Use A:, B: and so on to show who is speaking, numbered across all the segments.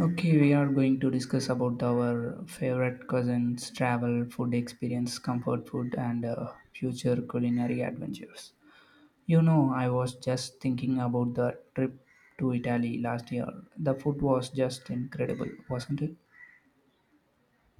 A: Okay, we are going to discuss about our favorite cousins, travel, food experience, comfort food, and future culinary adventures. You know, I was just thinking about the trip to Italy last year. The food was just incredible, wasn't it?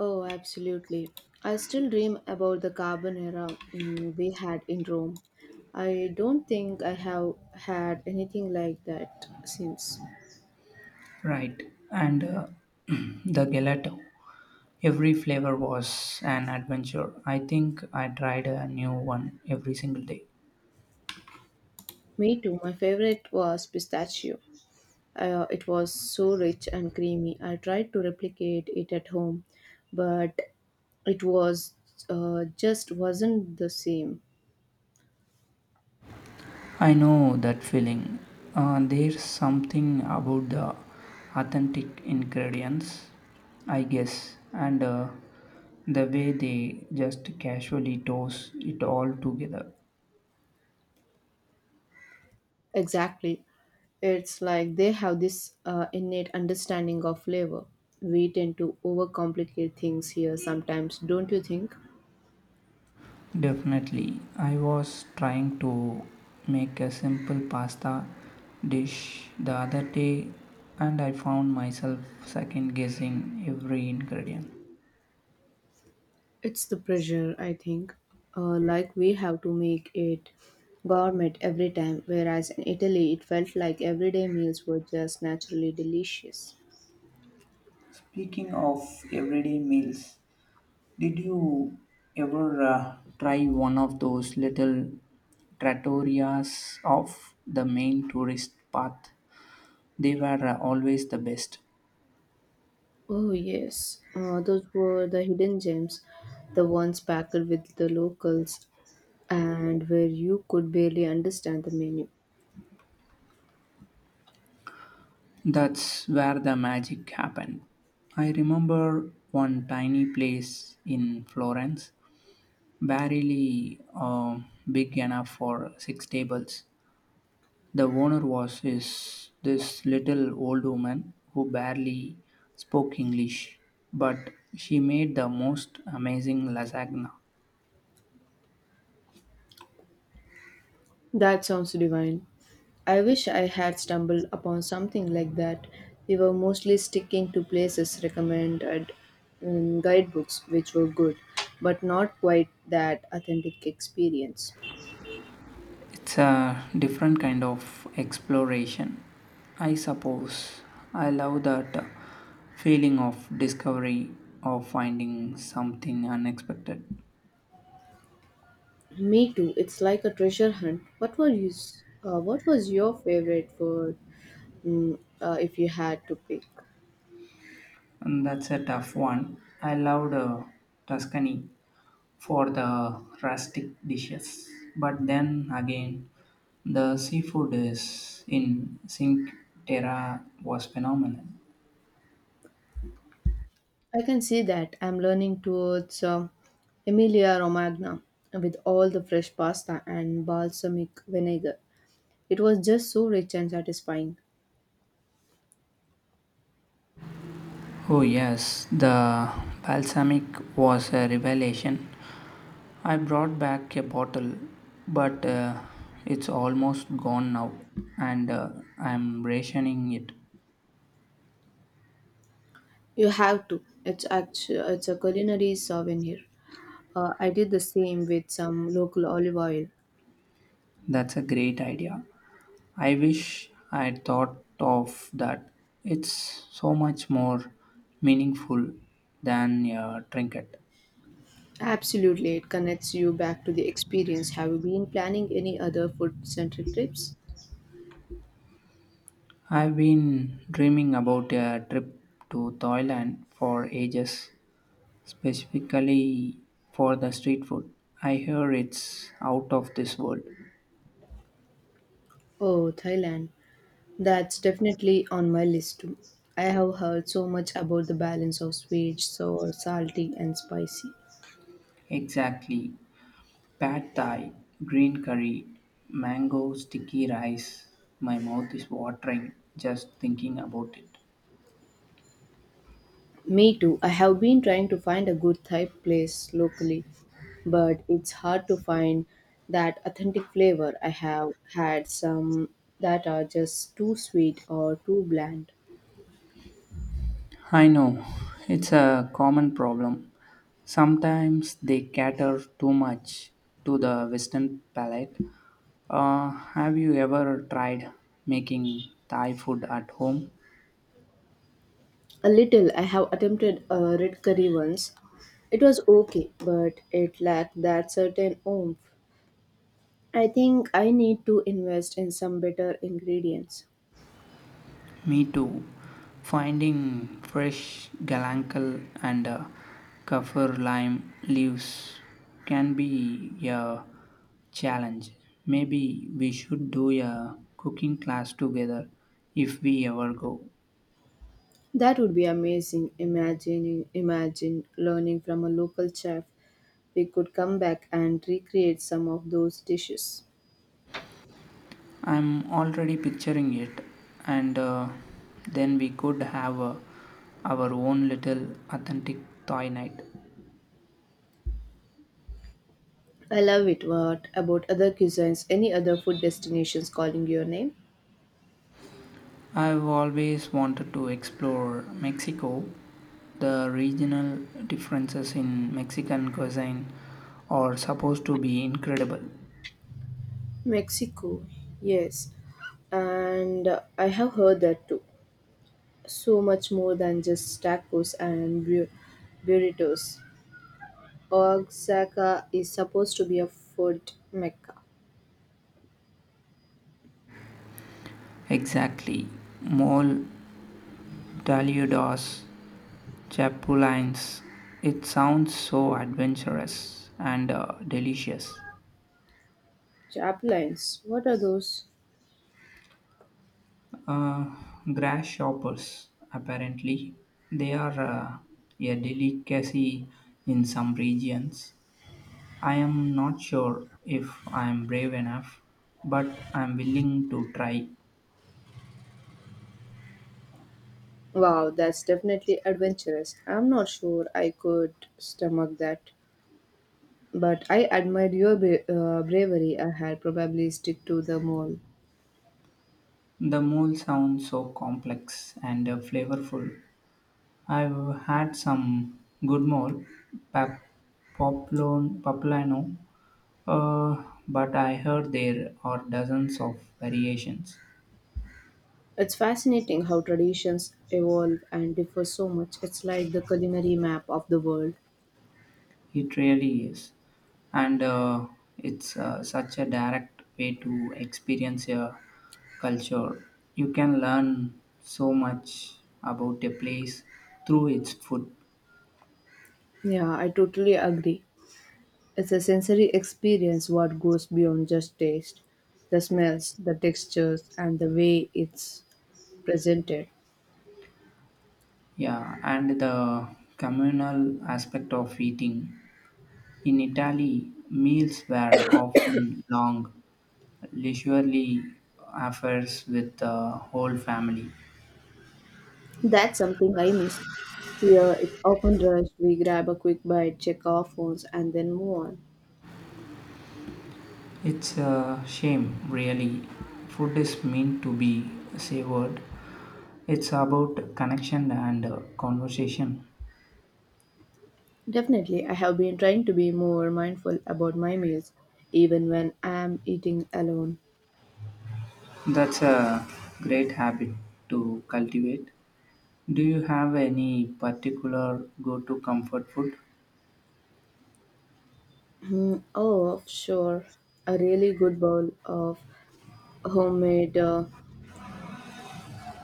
B: Oh, absolutely. I still dream about the carbonara we had in Rome. I don't think I have had anything like that since.
A: Right, and the gelato. Every flavor was an adventure. I think I tried a new one every single day.
B: Me too. My favorite was pistachio. It was so rich and creamy. I tried to replicate it at home, but it was just wasn't the same.
A: I know that feeling. There's something about the authentic ingredients, I guess, and the way they just casually toss it all together.
B: Exactly. It's like they have this innate understanding of flavor. We tend to overcomplicate things here sometimes, don't you think?
A: Definitely, I was trying to make a simple pasta dish the other day, and I found myself second guessing every ingredient.
B: It's the pressure, I think. Like we have to make it gourmet every time, whereas in Italy it felt like everyday meals were just naturally delicious.
A: Speaking of everyday meals, did you ever try one of those little trattorias off the main tourist path? They were always the best.
B: Oh, yes. Those were the hidden gems, the ones packed with the locals and where you could barely understand the menu.
A: That's where the magic happened. I remember one tiny place in Florence, barely big enough for six tables. The owner was this little old woman who barely spoke English, but she made the most amazing lasagna.
B: That sounds divine. I wish I had stumbled upon something like that. We were mostly sticking to places recommended in guidebooks, which were good, but not quite that authentic experience.
A: It's a different kind of exploration, I suppose. I love that feeling of discovery of finding something unexpected.
B: Me too. It's like a treasure hunt. What were What was your favorite food? Mm, if you had to pick,
A: And that's a tough one. I loved Tuscany for the rustic dishes. But then again, the seafood is in Cinque Terre was phenomenal.
B: I can see that. I'm learning towards Emilia Romagna with all the fresh pasta and balsamic vinegar. It was just so rich and satisfying.
A: Oh yes, the balsamic was a revelation. I brought back a bottle, but it's almost gone now, and I'm rationing it.
B: You have to. It's a culinary souvenir. I did the same with some local olive oil.
A: That's a great idea. I wish I had thought of that. It's so much more meaningful than a trinket.
B: Absolutely, it connects you back to the experience. Have you been planning any other food-centric trips?
A: I've been dreaming about a trip to Thailand for ages, specifically for the street food. I hear it's out of this world.
B: Oh, Thailand. That's definitely on my list too. I have heard so much about the balance of sweet, sour, salty, and spicy.
A: Exactly. Pad Thai, green curry, mango sticky rice. My mouth is watering just thinking about it.
B: Me too. I have been trying to find a good Thai place locally, but it's hard to find that authentic flavor. I have had some that are just too sweet or too bland.
A: I know it's a common problem. Sometimes they cater too much to the Western palate. Have you ever tried making Thai food at home?
B: A little. I have attempted a red curry once. It was okay, but it lacked that certain oomph. I think I need to invest in some better ingredients.
A: Me too. Finding fresh galangal and kaffir lime leaves can be a challenge. Maybe we should do a cooking class together if we ever go.
B: That would be amazing. Imagine learning from a local chef. We could come back and recreate some of those dishes.
A: I'm already picturing it, and then we could have our own little authentic Thai night.
B: I love it. What about other cuisines? Any other food destinations calling your name?
A: I've always wanted to explore Mexico, the regional differences in Mexican cuisine are supposed to be incredible.
B: Mexico, yes. And I have heard that too. So much more than just tacos and burritos. Oaxaca is supposed to be a food mecca.
A: Exactly. Mole, taludos, chapulines. It sounds so adventurous and delicious.
B: Chaplains, what are those?
A: Uh, Grasshoppers, apparently, they are a delicacy in some regions. I am not sure if I am brave enough, but I am willing to try.
B: Wow, that's definitely adventurous. I'm not sure I could stomach that. But I admire your bravery. I had probably stick to the mall.
A: The mole sounds so complex and flavorful. I've had some good mole, pap- poplon, poplano, but I heard there are dozens of variations.
B: It's fascinating how traditions evolve and differ so much. It's like the culinary map of the world.
A: It really is. And it's such a direct way to experience a culture. You can learn so much about a place through its food.
B: Yeah, I totally agree. It's a sensory experience what goes beyond just taste. The smells, the textures, and the way it's presented.
A: Yeah, and the communal aspect of eating. In Italy, meals were often long, leisurely affairs with the whole family.
B: That's something I miss. Here, it's often rushed. We grab a quick bite, check our phones, and then move on.
A: It's a shame, really. Food is meant to be savored. It's about connection and conversation.
B: Definitely, I have been trying to be more mindful about my meals, even when I am eating alone.
A: That's a great habit to cultivate. Do you have any particular go to comfort food?
B: Hmm, oh, sure. A really good bowl of homemade uh,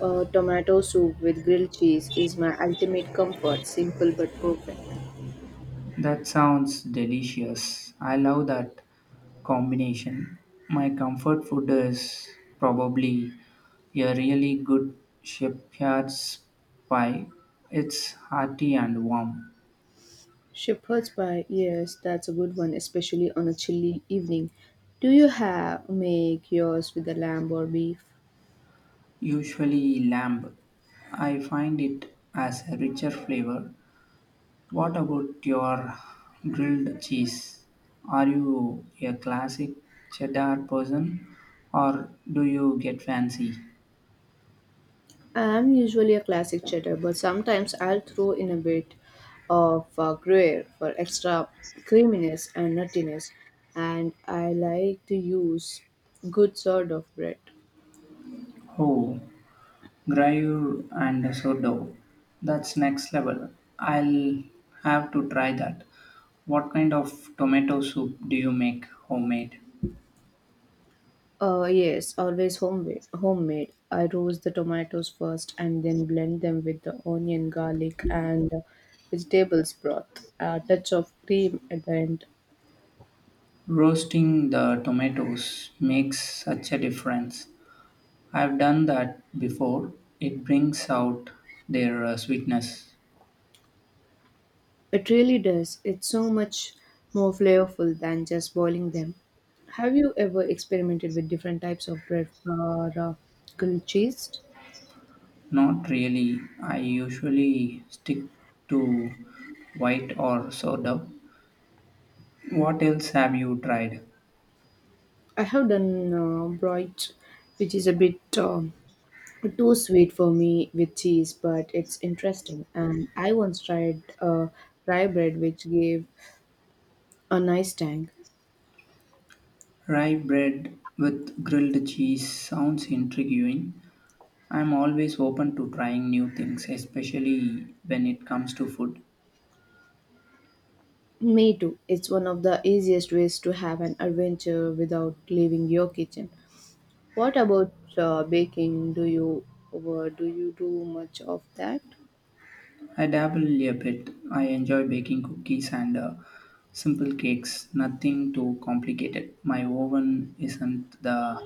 B: uh, tomato soup with grilled cheese is my ultimate comfort, simple but perfect.
A: That sounds delicious. I love that combination. My comfort food is probably a really good shepherd's pie. It's hearty and warm.
B: Shepherd's pie, yes, that's a good one, especially on a chilly evening. Do you have make yours with the lamb or beef?
A: Usually lamb. I find it as a richer flavor. What about your grilled cheese? Are you a classic cheddar person or do you get fancy?
B: I'm usually a classic cheddar, but sometimes I'll throw in a bit of Gruyere for extra creaminess and nuttiness. And I like to use good sort of bread.
A: Oh, gruyere and sourdough. That's next level. I'll have to try that. What kind of tomato soup do you make homemade?
B: Yes, always homemade. Homemade. I roast the tomatoes first and then blend them with the onion, garlic, and vegetables broth. A touch of cream at the end.
A: Roasting the tomatoes makes such a difference. I've done that before. It brings out their sweetness.
B: It really does. It's so much more flavorful than just boiling them. Have you ever experimented with different types of bread or grilled cheese?
A: Not really. I usually stick to white or sourdough. What else have you tried?
B: I have done broit, which is a bit too sweet for me with cheese, but it's interesting. And I once tried rye bread, which gave a nice tang.
A: Rye bread with grilled cheese sounds intriguing. I'm always open to trying new things, especially when it comes to food.
B: Me too. It's one of the easiest ways to have an adventure without leaving your kitchen. What about baking? Do you do much of that?
A: I dabble a bit. I enjoy baking cookies and simple cakes, nothing too complicated. My oven isn't the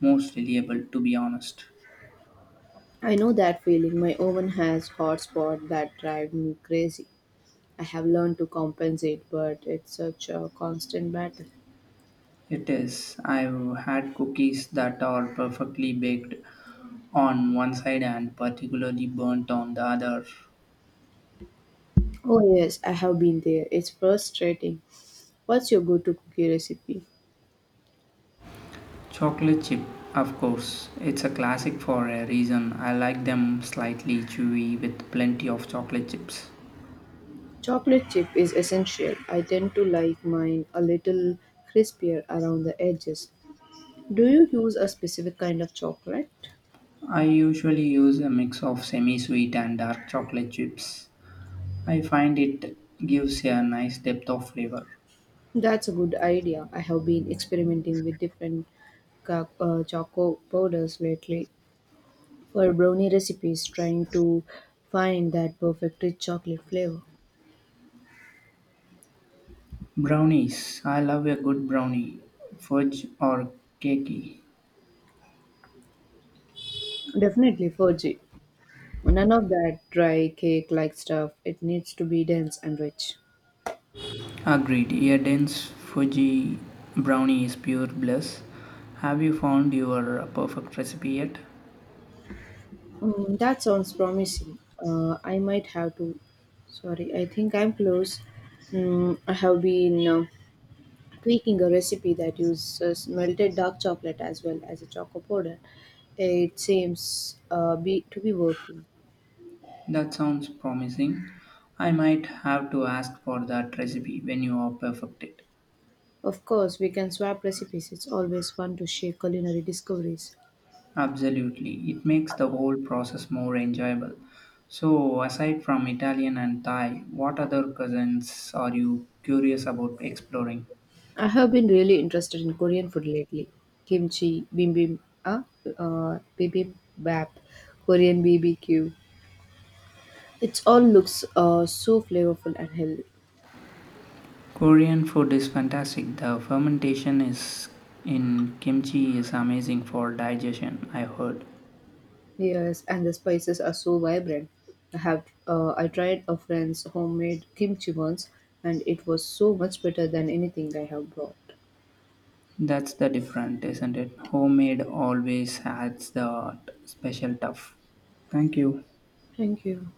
A: most reliable, to be honest.
B: I know that feeling. My oven has hot spot that drive me crazy. I have learned to compensate, but it's such a constant battle.
A: It is. I've had cookies that are perfectly baked on one side and particularly burnt on the other.
B: Oh yes, I have been there. It's frustrating. What's your go-to cookie recipe?
A: Chocolate chip, of course. It's a classic for a reason. I like them slightly chewy with plenty of chocolate chips.
B: Chocolate chip is essential. I tend to like mine a little crispier around the edges. Do you use a specific kind of chocolate?
A: I usually use a mix of semi sweet and dark chocolate chips. I find it gives a nice depth of flavor.
B: That's a good idea. I have been experimenting with different choco powders lately for brownie recipes, trying to find that perfect rich chocolate flavor.
A: Brownies. I love a good brownie, fudge or cakey.
B: Definitely Fuji. None of that dry cake like stuff. It needs to be dense and rich.
A: Agreed. A dense fudgy brownie is pure bliss. Have you found your perfect recipe yet?
B: Mm, that sounds promising. I might have to. Sorry, I think I'm close. I have been tweaking a recipe that uses melted dark chocolate as well as a choco powder. It seems to be working.
A: That sounds promising. I might have to ask for that recipe when you are perfected.
B: Of course, we can swap recipes. It's always fun to share culinary discoveries.
A: Absolutely, it makes the whole process more enjoyable. So, aside from Italian and Thai, what other cousins are you curious about exploring?
B: I have been really interested in Korean food lately. Kimchi, uh, bibimbap, Korean BBQ. It all looks so flavorful and healthy.
A: Korean food is fantastic. The fermentation is in kimchi is amazing for digestion, I heard.
B: Yes, and the spices are so vibrant. I tried a friend's homemade kimchi once, and it was so much better than anything I have bought.
A: That's the different, isn't it? Homemade always adds that special tough. Thank you.
B: Thank you.